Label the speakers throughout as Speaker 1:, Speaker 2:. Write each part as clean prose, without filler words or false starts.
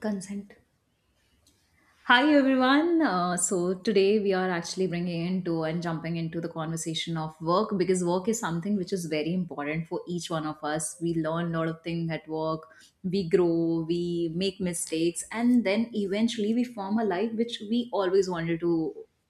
Speaker 1: Consent. Hi everyone, so today we are actually bringing into and jumping into the conversation of work, because work is something which is very important for each one of us. We learn a lot of things at work, we grow, we make mistakes, and then eventually we form a life which we always wanted to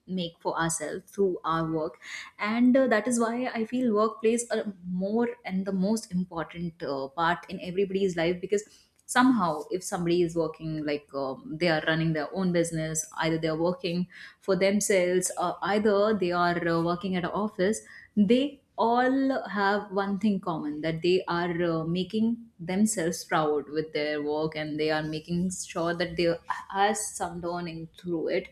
Speaker 1: make for ourselves through our work. And that is why I feel work plays a more and the most important part in everybody's life, because somehow if somebody is working, like they are running their own business, either they are working for themselves, or either they are working at an office, they all have one thing common: that they are making themselves proud with their work, and they are making sure that they has some learning through it.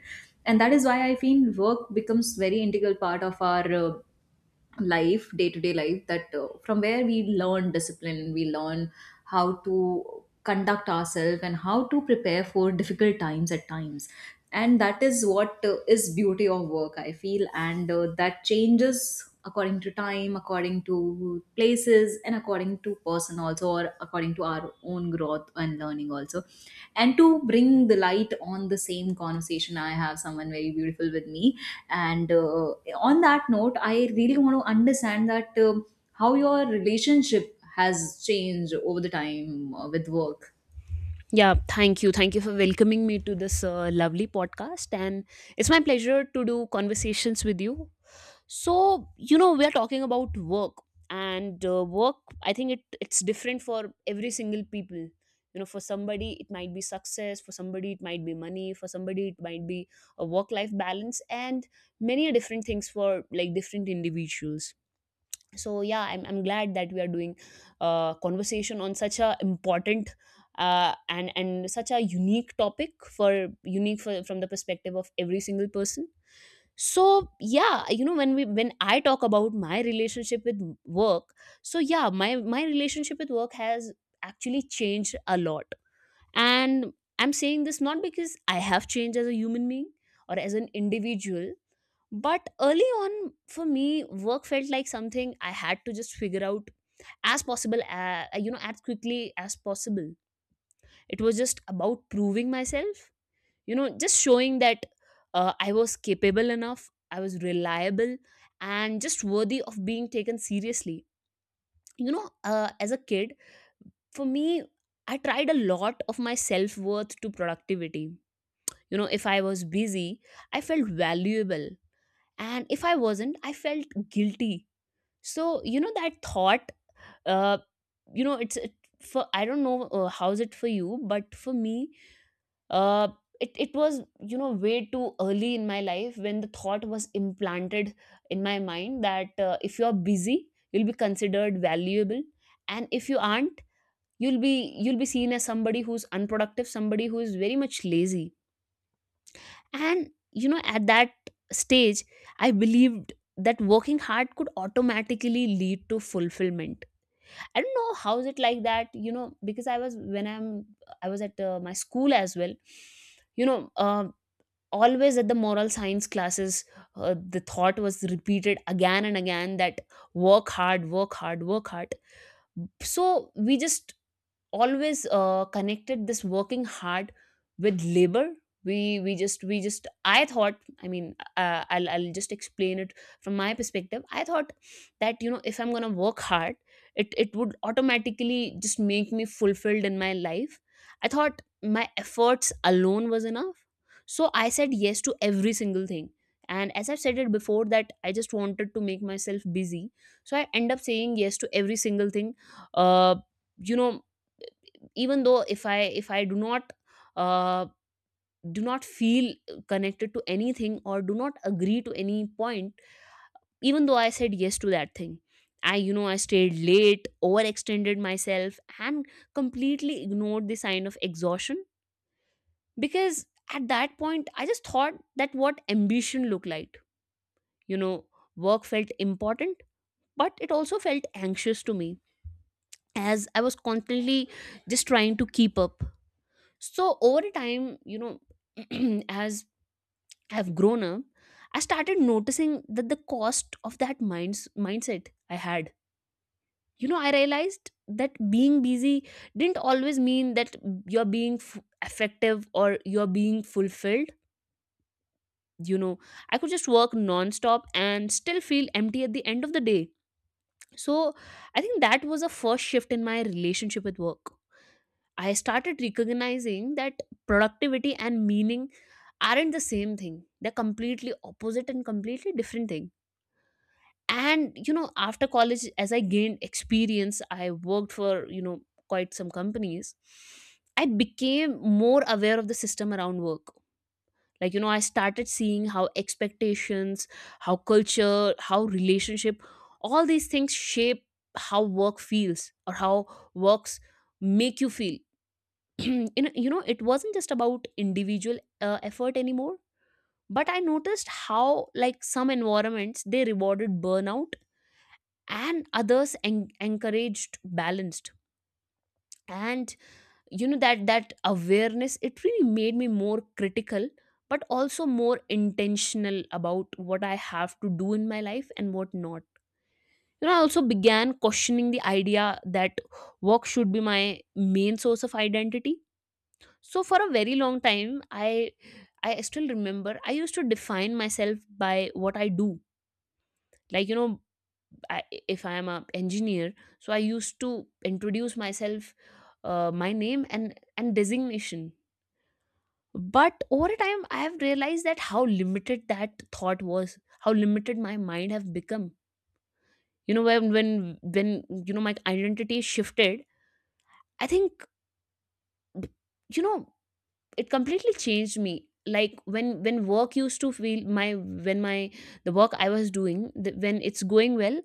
Speaker 1: And that is why I feel work becomes very integral part of our life, day to day life, that from where we learn discipline, we learn how to conduct ourselves and how to prepare for difficult times at times. And that is what is beauty of work, I feel. And that changes according to time, according to places, and according to person also, or according to our own growth and learning also. And to bring the light on the same conversation, I have someone very beautiful with me, and on that note, I really want to understand that, how your relationship has changed over the time with work.
Speaker 2: Yeah, thank you. Thank you for welcoming me to this lovely podcast. And it's my pleasure to do conversations with you. We are talking about work and work, I think it's different for every single people. You know, for somebody, it might be success, for somebody, it might be money, for somebody, it might be a work life balance, and many different things for like different individuals. So yeah, I'm glad that we are doing a conversation on such a important and such a unique topic, from the perspective of every single person. So yeah, you know, when I talk about my relationship with work, so yeah, my relationship with work has actually changed a lot. And I'm saying this not because I have changed as a human being or as an individual, but early on, for me, work felt like something I had to just figure out as possible, you know, as quickly as possible. It was just about proving myself, you know, just showing that I was capable enough, I was reliable, and just worthy of being taken seriously. As a kid, for me, I tried a lot of my self worth to productivity. You know, if I was busy, I felt valuable. And if I wasn't, I felt guilty. So you know that thought, uh you know for, I don't know, how's it for you, but for me, uh it was, you know, way too early in my life when the thought was implanted in my mind that if you're busy you'll be considered valuable, and if you aren't, you'll be seen as somebody who's unproductive, somebody who is very much lazy. And you know at that stage I believed that working hard could automatically lead to fulfillment. I don't know how is it like that, you know, because I was at my school as well. You know, always at the moral science classes, the thought was repeated again and again that work hard, work hard, work hard. So we just always connected this working hard with labor. We we just I thought, I mean, i'll just explain it from my perspective. I thought that, you know, if I'm going to work hard, it would automatically just make me fulfilled in my life. I thought my efforts alone was enough, so I said yes to every single thing. And as I've said it before, that I just wanted to make myself busy, so I end up saying yes to every single thing. uh you know, even though if I uh, do not feel connected to anything or do not agree to any point, even though I said yes to that thing, i, you know, I stayed late, overextended myself, and completely ignored the sign of exhaustion, because at that point I just thought that what ambition looked like. You know, work felt important, but it also felt anxious to me, as I was constantly just trying to keep up. So over a time, you know, as I've grown up, I started noticing that the cost of that minds mindset I had. You know, I realized that being busy didn't always mean that you're being effective or you're being fulfilled. You know, I could just work nonstop and still feel empty at the end of the day. So I think that was a first shift in my relationship with work. I started recognizing that productivity and meaning aren't the same thing. They're completely opposite and completely different thing. And you know, after college, as I gained experience, I worked for, you know, quite some companies. I became more aware of the system around work. Like you know, I started seeing how expectations, how culture, how relationship, all these things shape how work feels or how works make you feel. You know, it wasn't just about individual effort anymore, but I noticed how like some environments they rewarded burnout and others encouraged balanced. And you know that that awareness, it really made me more critical but also more intentional about what I have to do in my life and what not. You know, I also began questioning the idea that work should be my main source of identity. So for a very long time, i still remember I used to define myself by what I do. Like, you know, I, if I am a engineer, so I used to introduce myself, my name and designation. But over a time I have realized that how limited that thought was, how limited my mind have become. You know, when you know my identity shifted, I think, you know, it completely changed me. Like when work used to feel my, when my, the work I was doing the, when it's going well,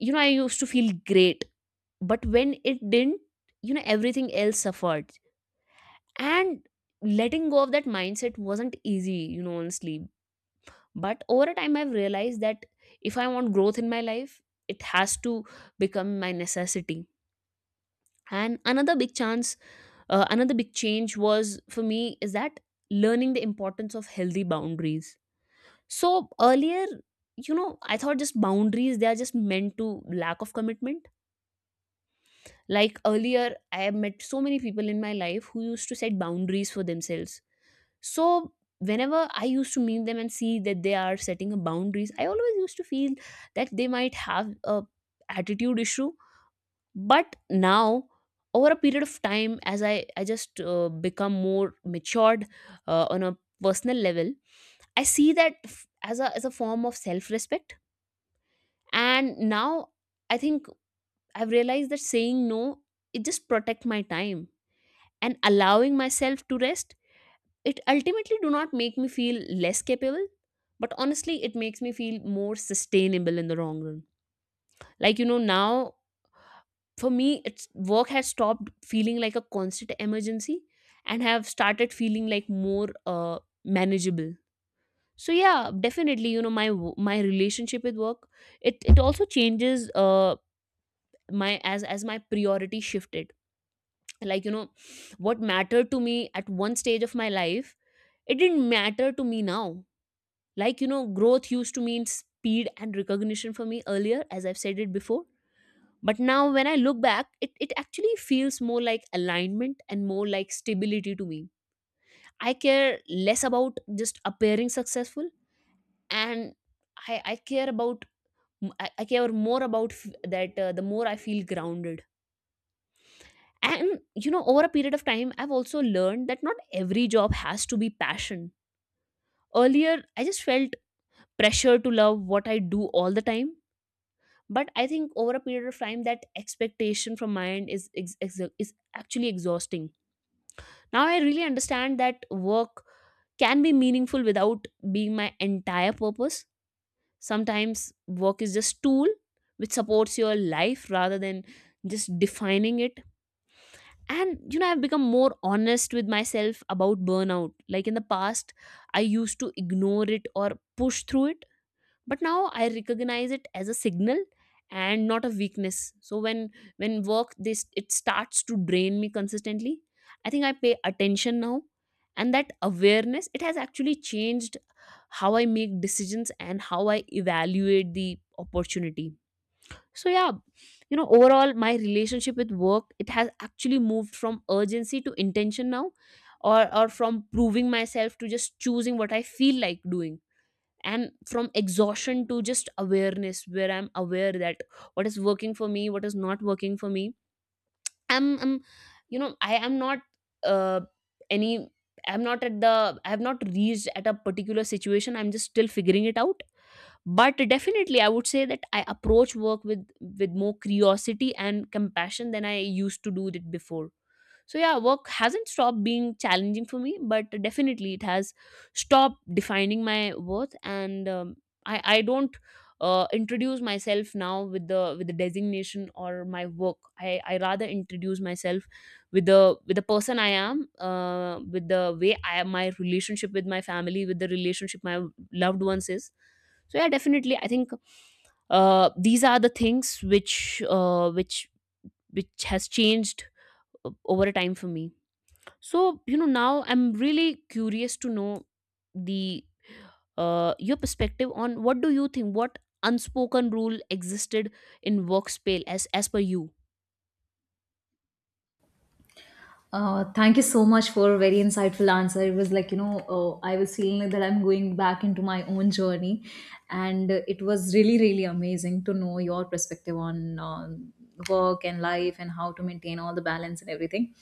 Speaker 2: you know I used to feel great. But when it didn't, you know, everything else suffered. And letting go of that mindset wasn't easy, you know, honestly. But over a time I've realized that if I want growth in my life, it has to become my necessity. And another big chance, another big change was for me is that learning the importance of healthy boundaries. So earlier, you know, I thought just boundaries, they are just meant to lack of commitment. Like earlier, I have met so many people in my life who used to set boundaries for themselves. So whenever I used to meet them and see that they are setting a boundaries, I always used to feel that they might have a attitude issue. But now, over a period of time, as I just become more matured on a personal level, I see that as a form of self-respect. And now I think I've realized that saying no, it just protect my time, and allowing myself to rest, it ultimately do not make me feel less capable, but honestly it makes me feel more sustainable in the long run. Like you know, now, for me, it's work has stopped feeling like a constant emergency and have started feeling like more manageable. So yeah, definitely, you know, my my relationship with work, it also changes my, as my priority shifted. Like you know, what mattered to me at one stage of my life, it didn't matter to me now. Like you know, growth used to mean speed and recognition for me earlier, as I've said it before. But now when I look back, it actually feels more like alignment and more like stability to me. I care less about just appearing successful, and i care about, I care more about that the more I feel grounded. And you know, over a period of time, I've also learned that not every job has to be passion. Earlier, I just felt pressure to love what I do all the time. But I think over a period of time, that expectation from my end is is actually exhausting. Now I really understand that work can be meaningful without being my entire purpose. Sometimes work is just tool which supports your life rather than just defining it. And you know, I've become more honest with myself about burnout. Like in the past, I used to ignore it or push through it, but now I recognize it as a signal and not a weakness. So when work this it starts to drain me consistently, I think I pay attention now. And that awareness, it has actually changed how I make decisions and how I evaluate the opportunity. So yeah, you know, overall my relationship with work, it has actually moved from urgency to intention now, or from proving myself to just choosing what I feel like doing, and from exhaustion to just awareness, where I'm aware that what is working for me, what is not working for me. I'm, you know, I am not uh, any, I'm not at the, I have not reached at a particular situation, I'm just still figuring it out. But definitely I would say that I approach work with more curiosity and compassion than I used to do it before. So yeah, work hasn't stopped being challenging for me, but definitely it has stopped defining my worth. And I don't introduce myself now with the, with the designation or my work. I rather introduce myself with the, with the person I am, with the way I am, my relationship with my family, with the relationship my loved ones is. So yeah, definitely, I think these are the things which uh, which which has changed over a time for me. So, you know, now I'm really curious to know the your perspective on what do you think, what unspoken rule existed in workspace as per you.
Speaker 1: Thank you so much for a very insightful answer. It was like, you know, I was feeling like that I'm going back into my own journey. And it was really, really amazing to know your perspective on work and life and how to maintain all the balance and everything.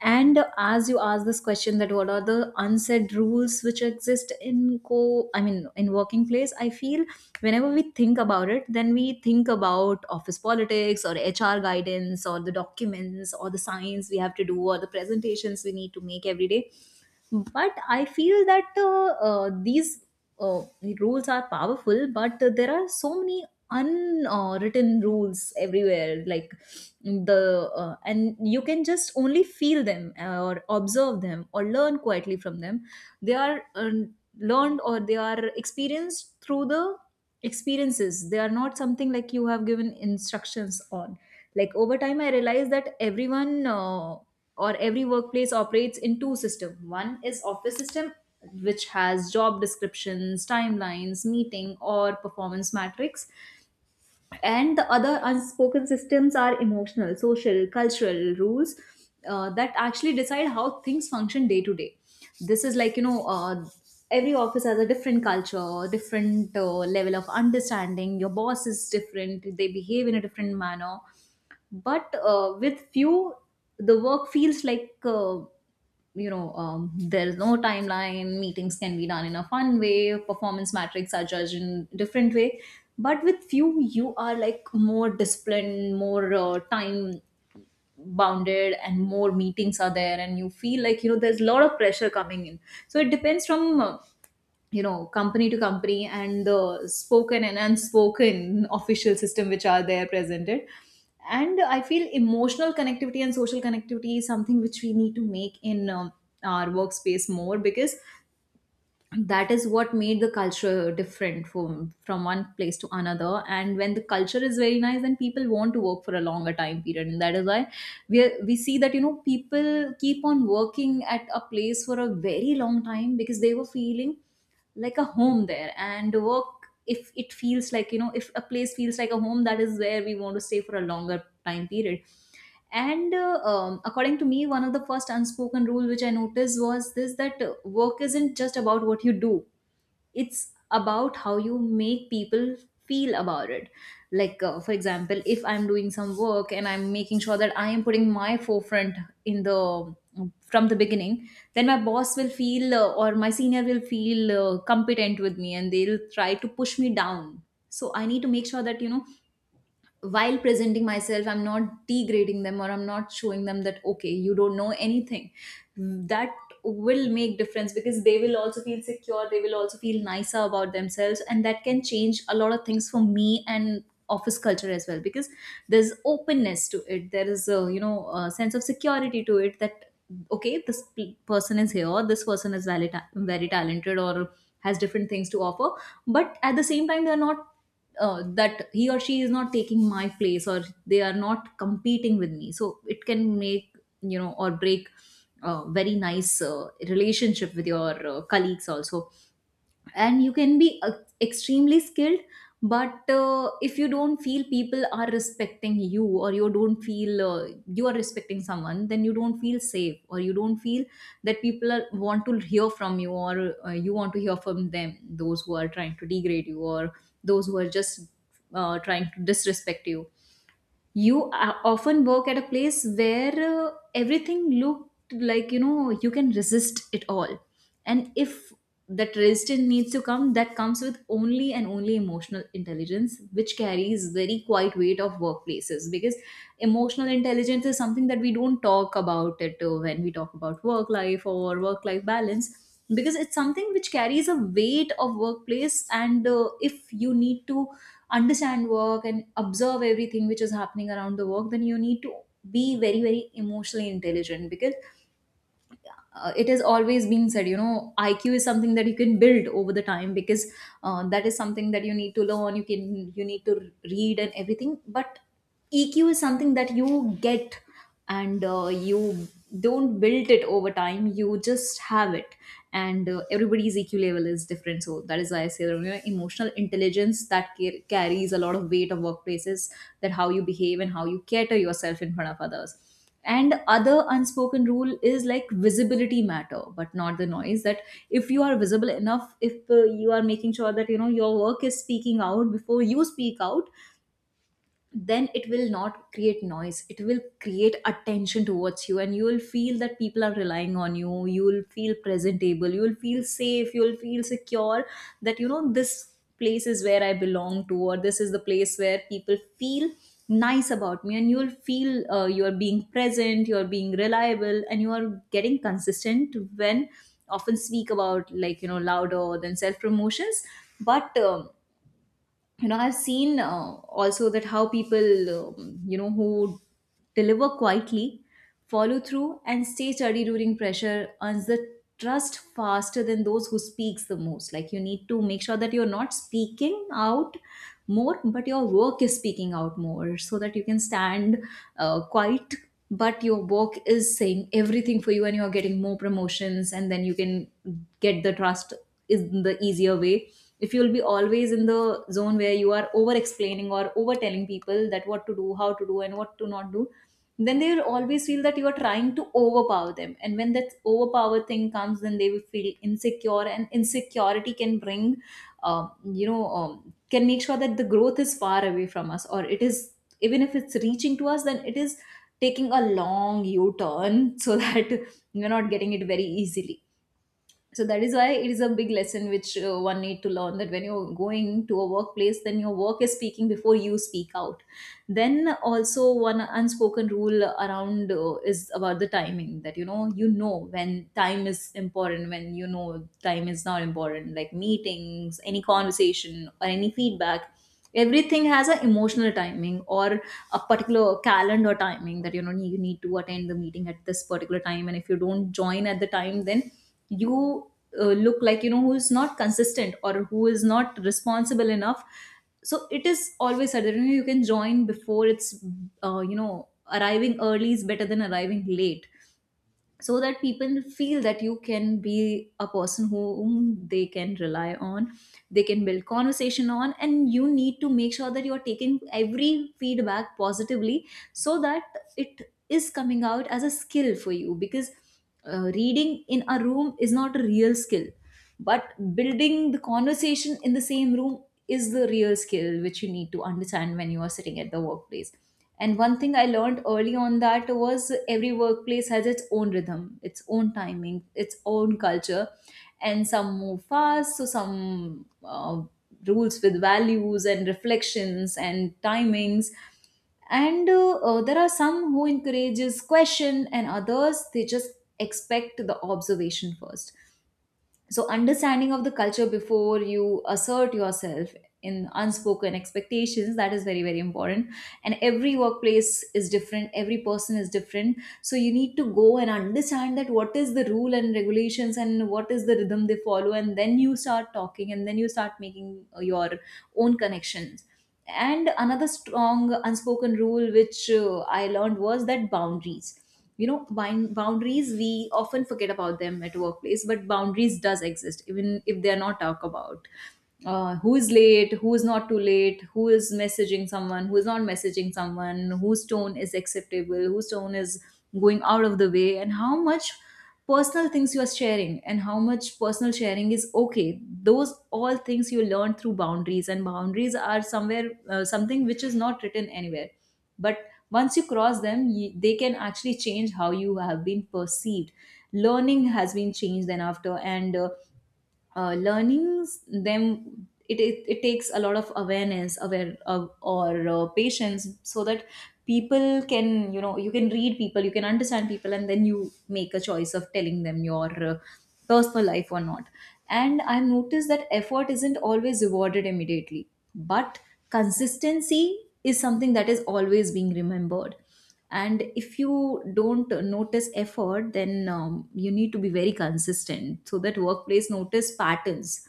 Speaker 1: And as you asked this question that what are the unsaid rules which exist in co, I mean, in working place, I feel whenever we think about it, then we think about office politics or HR guidance or the documents or the science we have to do or the presentations we need to make every day. But I feel that these uh, rules are powerful, but there are so many unwritten rules everywhere, like the and you can just only feel them, or observe them or learn quietly from them. They are, learned, or they are experienced through the experiences. They are not something like you have given instructions on. Like, over time I realized that everyone, or every workplace, operates in two system: one is office system, which has job descriptions, timelines, meeting or performance matrix, and the other unspoken systems are emotional, social, cultural rules that actually decide how things function day to day. This is like, you know, every office has a different culture, different level of understanding. Your boss is different, they behave in a different manner, but with few the work feels like, you know, there is no timeline, meetings can be done in a fun way, performance metrics are judged in different way. But with few you are like more disciplined, more time bounded, and more meetings are there, and you feel like, you know, there's a lot of pressure coming in. So it depends from, you know, company to company, and the spoken and unspoken official system which are there presented. And I feel emotional connectivity and social connectivity is something which we need to make in, our workspace more, because that is what made the culture different from one place to another. And when the culture is very nice, then people want to work for a longer time period, and that is why we see that, you know, people keep on working at a place for a very long time because they were feeling like a home there. And work, if it feels like, you know, if a place feels like a home, that is where we want to stay for a longer time period. And According to me, one of the first unspoken rule which I noticed was this: that work isn't just about what you do; it's about how you make people feel about it. Like, for example, if I'm doing some work and I'm making sure that I am putting my forefront in the, from the beginning, then my boss will feel, or my senior will feel competent with me, and they'll try to push me down. So I need to make sure that, you know, while presenting myself, I'm not degrading them or I'm not showing them that, okay, you don't know anything. That will make difference, because they will also feel secure, they will also feel nicer about themselves, and that can change a lot of things for me and office culture as well, because there's openness to it, there is, a you know, a sense of security to it that, okay, this person is here, this person is valid, very talented, or has different things to offer, but at the same time they're not, that he or she is not taking my place or they are not competing with me. So it can make, you know, or break, a very nice relationship with your colleagues also. And you can be extremely skilled, but if you don't feel people are respecting you, or you don't feel you are respecting someone, then you don't feel safe or you don't feel that want to hear from you, or you want to hear from them, those who are trying to degrade you, or those who are just trying to disrespect you. You often work at a place where everything looked like, you know, you can resist it all. And if that resistance needs to come, that comes with only and only emotional intelligence, which carries very quite weight of workplaces, because emotional intelligence is something that we don't talk about it when we talk about work life or work life balance, because it's something which carries a weight of workplace. And if you need to understand work and observe everything which is happening around the work, then you need to be very very emotionally intelligent, because it has always been said, you know, IQ is something that you can build over the time, because that is something that you need to learn, you can, you need to read and everything. But EQ is something that you get, and you don't build it over time, you just have it. And everybody's EQ level is different. So that is why I say that, you know, emotional intelligence that carries a lot of weight of workplaces, that how you behave and how you cater yourself in front of others. And other unspoken rule is like, visibility matter, but not the noise. That if you are visible enough, if you are making sure that, you know, your work is speaking out before you speak out, then it will not create noise, it will create attention towards you, and you will feel that people are relying on you. You will feel presentable, you will feel safe, you will feel secure that, you know, this place is where I belong to, or this is the place where people feel nice about me. And you will feel you are being present, you are being reliable, and you are getting consistent when often speak about, like, you know, louder than self promotions. But you know, I've seen, also, that how people, you know, who deliver quietly, follow through, and stay steady during pressure, earns the trust faster than those who speaks the most. Like, you need to make sure that you're not speaking out more, but your work is speaking out more, so that you can stand quiet, but your work is saying everything for you, and you're getting more promotions, and then you can get the trust, is the easier way. If you'll be always in the zone where you are over explaining or over telling people that what to do, how to do, and what to not do, then they will always feel that you are trying to overpower them. And when that overpower thing comes, then they will feel insecure, and insecurity can bring, can make sure that the growth is far away from us, or it is, even if it's reaching to us, then it is taking a long u-turn so that you're not getting it very easily. So that is why it is a big lesson which one need to learn, that when you're going to a workplace, then your work is speaking before you speak out. Then also one unspoken rule around is about the timing, that you know when time is important, when you know time is not important, like meetings, any conversation or any feedback. Everything has an emotional timing or a particular calendar timing, that you know, you need to attend the meeting at this particular time, and if you don't join at the time, then you look like, you know, who is not consistent or who is not responsible enough. So it is always said that you know, you can join before it's you know, arriving early is better than arriving late, so that people feel that you can be a person whom they can rely on, they can build conversation on. And you need to make sure that you are taking every feedback positively, so that it is coming out as a skill for you. Because reading in a room is not a real skill, but building the conversation in the same room is the real skill, which you need to understand when you are sitting at the workplace. And one thing I learned early on, that was, every workplace has its own rhythm, its own timing, its own culture. And some move fast, so some rules with values and reflections and timings. And there are some who encourages question, and others they just expect the observation first. So understanding of the culture before you assert yourself in unspoken expectations, that is very very important. And every workplace is different, every person is different. So you need to go and understand that what is the rule and regulations and what is the rhythm they follow, and then you start talking and then you start making your own connections. And another strong unspoken rule which I learned was that boundaries, you know, boundaries we often forget about them at workplace, but boundaries does exist even if they are not talked about. Who is late, who is not too late, who is messaging someone, who is not messaging someone, whose tone is acceptable, whose tone is going out of the way, and how much personal things you are sharing, and how much personal sharing is okay. Those all things you learn through boundaries, and boundaries are somewhere something which is not written anywhere. But once you cross them, they can actually change how you have been perceived. Learning has been changed then after, and learnings them, it takes a lot of awareness, aware of, or patience, so that people can, you know, you can read people, you can understand people, and then you make a choice of telling them your personal life or not. And I've noticed that effort isn't always rewarded immediately, but consistency is something that is always being remembered. And if you don't notice effort, then you need to be very consistent so that workplace notice patterns,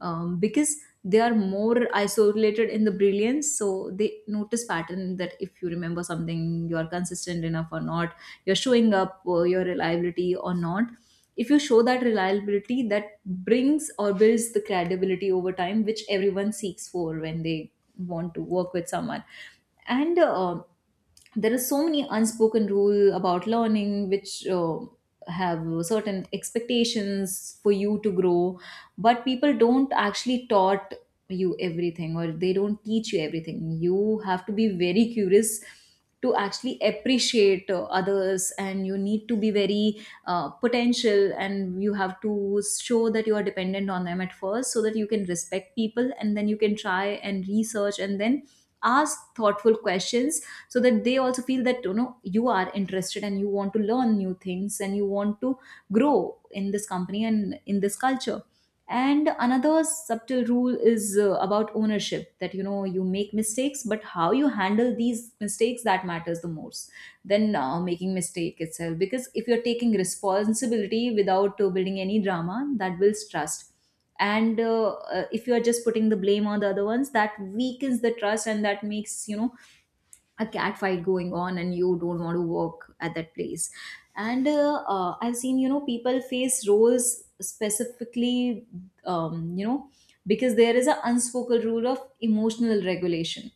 Speaker 1: because they are more isolated in the brilliance, so they notice pattern, that if you remember something, you are consistent enough or not, you're showing up your reliability or not. If you show that reliability, that brings or builds the credibility over time, which everyone seeks for when they want to work with someone. And there are so many unspoken rule about learning which have certain expectations for you to grow, but people don't actually taught you everything, or they don't teach you everything. You have to be very curious to actually appreciate others, and you need to be very potential, and you have to show that you are dependent on them at first, so that you can respect people, and then you can try and research and then ask thoughtful questions, so that they also feel that you know you are interested and you want to learn new things and you want to grow in this company and in this culture. And another subtle rule is about ownership, that you know you make mistakes, but how you handle these mistakes, that matters the most than making mistake itself. Because if you're taking responsibility without building any drama, that builds trust. And if you are just putting the blame on the other ones, that weakens the trust, and that makes, you know, a cat fight going on, and you don't want to work at that place. And I've seen, you know, people face roles specifically, you know, because there is an unspoken rule of emotional regulation.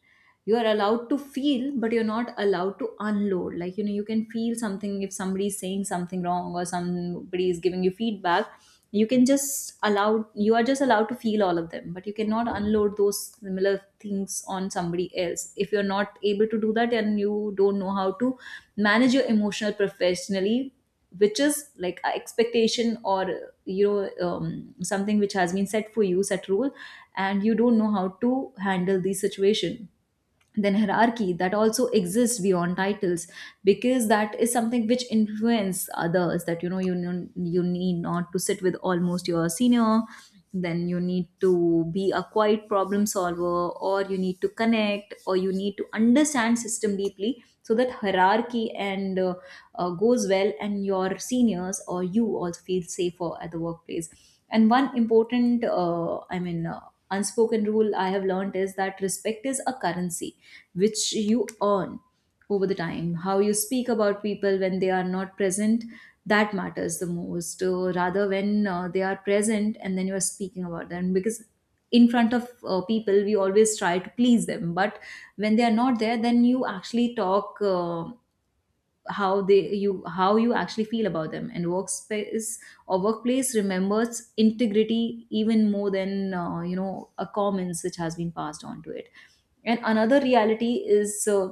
Speaker 1: You are allowed to feel, but you're not allowed to unload, like you know, you can feel something if somebody is saying something wrong or somebody is giving you feedback. You can just allow, you are just allowed to feel all of them, but you cannot unload those similar things on somebody else. If you're not able to do that and you don't know how to manage your emotional professionally, which is like a expectation, or you know, something which has been set for you, set rule, and you don't know how to handle the situation. Then hierarchy, that also exists beyond titles, because that is something which influence others. That you know, you need not to sit with almost your senior, then you need to be a quiet problem solver, or you need to connect, or you need to understand system deeply, so that hierarchy and goes well, and your seniors or you also feel safer at the workplace. And one important, I mean, unspoken rule I have learned is that respect is a currency which you earn over the time. How you speak about people when they are not present, that matters the most. Rather, when they are present and then you are speaking about them. Because in front of people, we always try to please them. But when they are not there, then you actually talk how they you how you actually feel about them. And workspace or workplace remembers integrity even more than you know, a comments which has been passed on to it. And another reality is,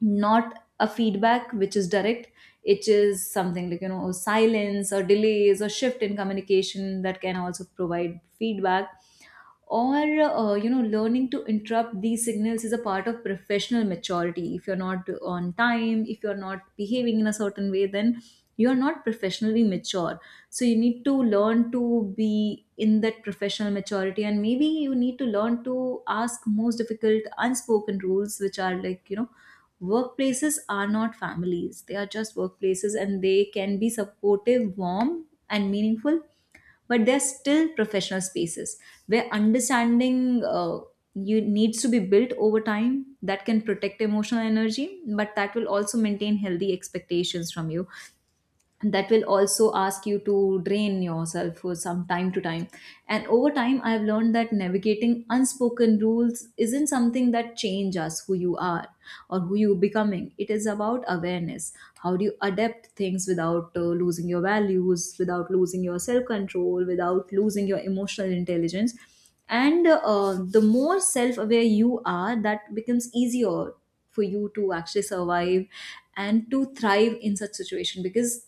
Speaker 1: not a feedback which is direct, it is something like you know, silence or delays or shift in communication that can also provide feedback. Or you know, learning to interrupt these signals is a part of professional maturity. If you're not on time, if you're not behaving in a certain way, then you are not professionally mature. So you need to learn to be in that professional maturity. And maybe you need to learn to ask most difficult unspoken rules, which are like you know, workplaces are not families, they are just workplaces, and they can be supportive, warm and meaningful, but they're still professional spaces, where understanding you needs to be built over time that can protect emotional energy, but that will also maintain healthy expectations from you, and that will also ask you to drain yourself for some time to time. And over time I've learned that navigating unspoken rules isn't something that change us, who you are or who you becoming. It is about awareness, how do you adapt things without losing your values, without losing your self control, without losing your emotional intelligence. And the more self aware you are, that becomes easier for you to actually survive and to thrive in such situation. Because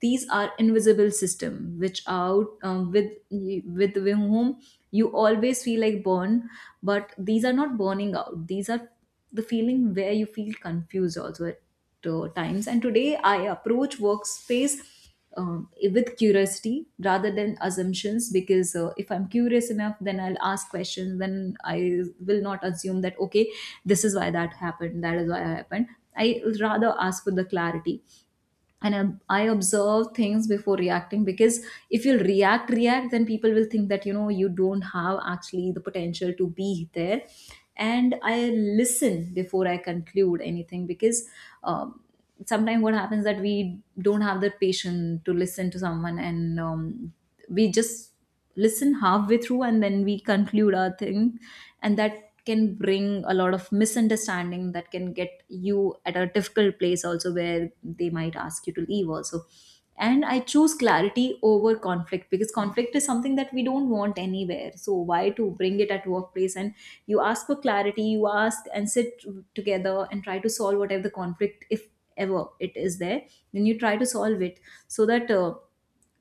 Speaker 1: these are invisible system which out, with whom you always feel like born. But these are not burning out, these are the feeling where you feel confused also at times. And today I approach workspace with curiosity rather than assumptions. Because if I'm curious enough, then I'll ask questions, then I will not assume that, okay, this is why that happened, that is why I happened. I rather ask for the clarity. And I observe things before reacting, because if you'll react, then people will think that you know you don't have actually the potential to be there. And I listen before I conclude anything, because um, sometimes what happens that we don't have the patience to listen to someone, and we just listen halfway through and then we conclude our thing. And that can bring a lot of misunderstanding, that can get you at a difficult place also, where they might ask you to leave also. And I choose clarity over conflict, because conflict is something that we don't want anywhere, so why to bring it at workplace. And you ask for clarity, you ask and sit together and try to solve whatever the conflict, if ever it is there, then you try to solve it. So that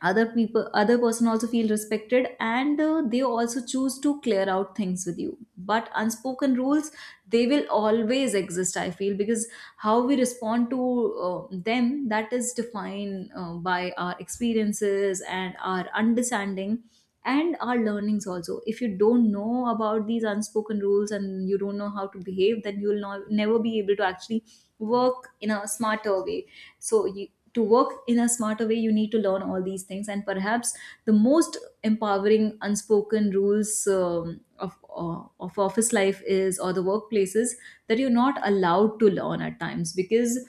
Speaker 1: other people, other person also feel respected, and they also choose to clear out things with you. But unspoken rules, they will always exist, I feel, because how we respond to them, that is defined by our experiences and our understanding and our learnings also. If you don't know about these unspoken rules and you don't know how to behave, then you will not, never be able to actually work in a smarter way. So you, to work in a smarter way, you need to learn all these things. And perhaps the most empowering unspoken rules of office life is, or the workplaces, that you're not allowed to learn at times. Because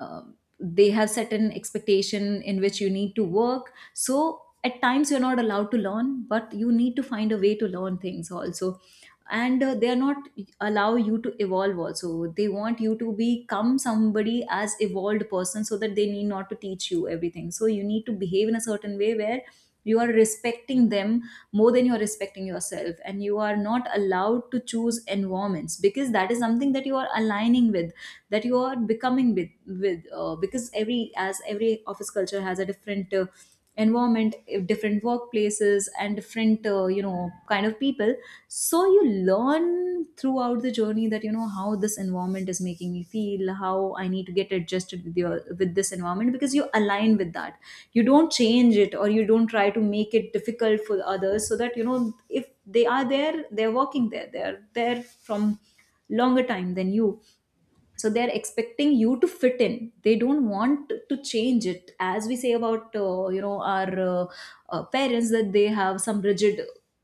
Speaker 1: they have certain expectation in which you need to work, so at times you're not allowed to learn, but you need to find a way to learn things also. And they are not allow you to evolve also, they want you to become somebody as evolved person, so that they need not to teach you everything. So you need to behave in a certain way where you are respecting them more than you are respecting yourself. And you are not allowed to choose environments, because that is something that you are aligning with, that you are becoming with, because every, as every office culture has a different environment, different workplaces and different you know, kind of people. So you learn throughout the journey that you know how this environment is making me feel, how I need to get adjusted with your, with this environment, because you align with that, you don't change it, or you don't try to make it difficult for others. So that you know, if they are there, they're working there, they're there from longer time than you, so they're expecting you to fit in. They don't want to change it, as we say about you know, our parents, that they have some rigid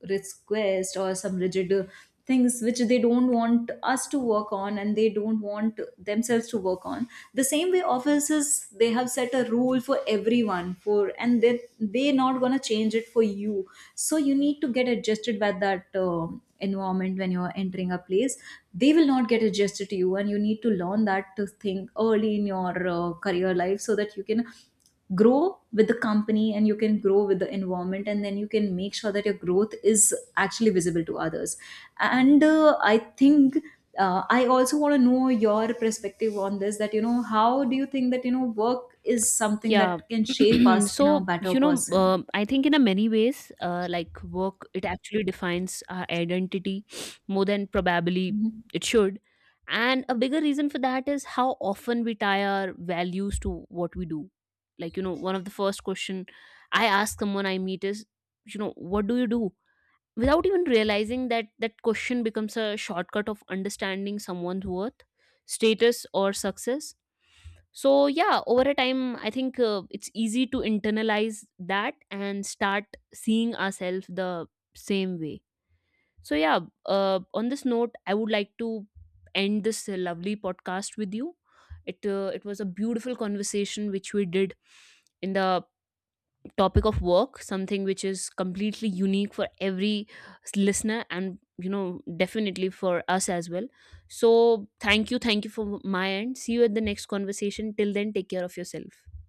Speaker 1: request or some rigid things which they don't want us to work on and they don't want themselves to work on. The same way offices, they have set a rule for everyone for, and they, they're not going to change it for you. So you need to get adjusted by that environment when you're entering a place. They will not get adjusted to you, and you need to learn that, to think early in your career life, so that you can grow with the company and you can grow with the environment, and then you can make sure that your growth is actually visible to others. And I think I also want to know your perspective on this, that you know, how do you think that you know, work is something
Speaker 2: Yeah.
Speaker 1: that can shape us in a
Speaker 2: So
Speaker 1: better
Speaker 2: you know,
Speaker 1: person.
Speaker 2: I think in a many ways, like work, it actually defines our identity more than probably
Speaker 1: Mhm.
Speaker 2: it should. And a bigger reason for that is how often we tie our values to what we do. Like you know, one of the first question I ask someone I meet is, you know, what do you do? Without even realizing that that question becomes a shortcut of understanding someone's worth, status, or success. So yeah, over a time, I think it's easy to internalize that and start seeing ourselves the same way. So yeah, on this note, I would like to end this lovely podcast with you. It was a beautiful conversation which we did in the topic of work, something which is completely unique for every listener, and you know, definitely, for us as well. So thank you, thank you for my end, see you at the next conversation, till then take care of yourself.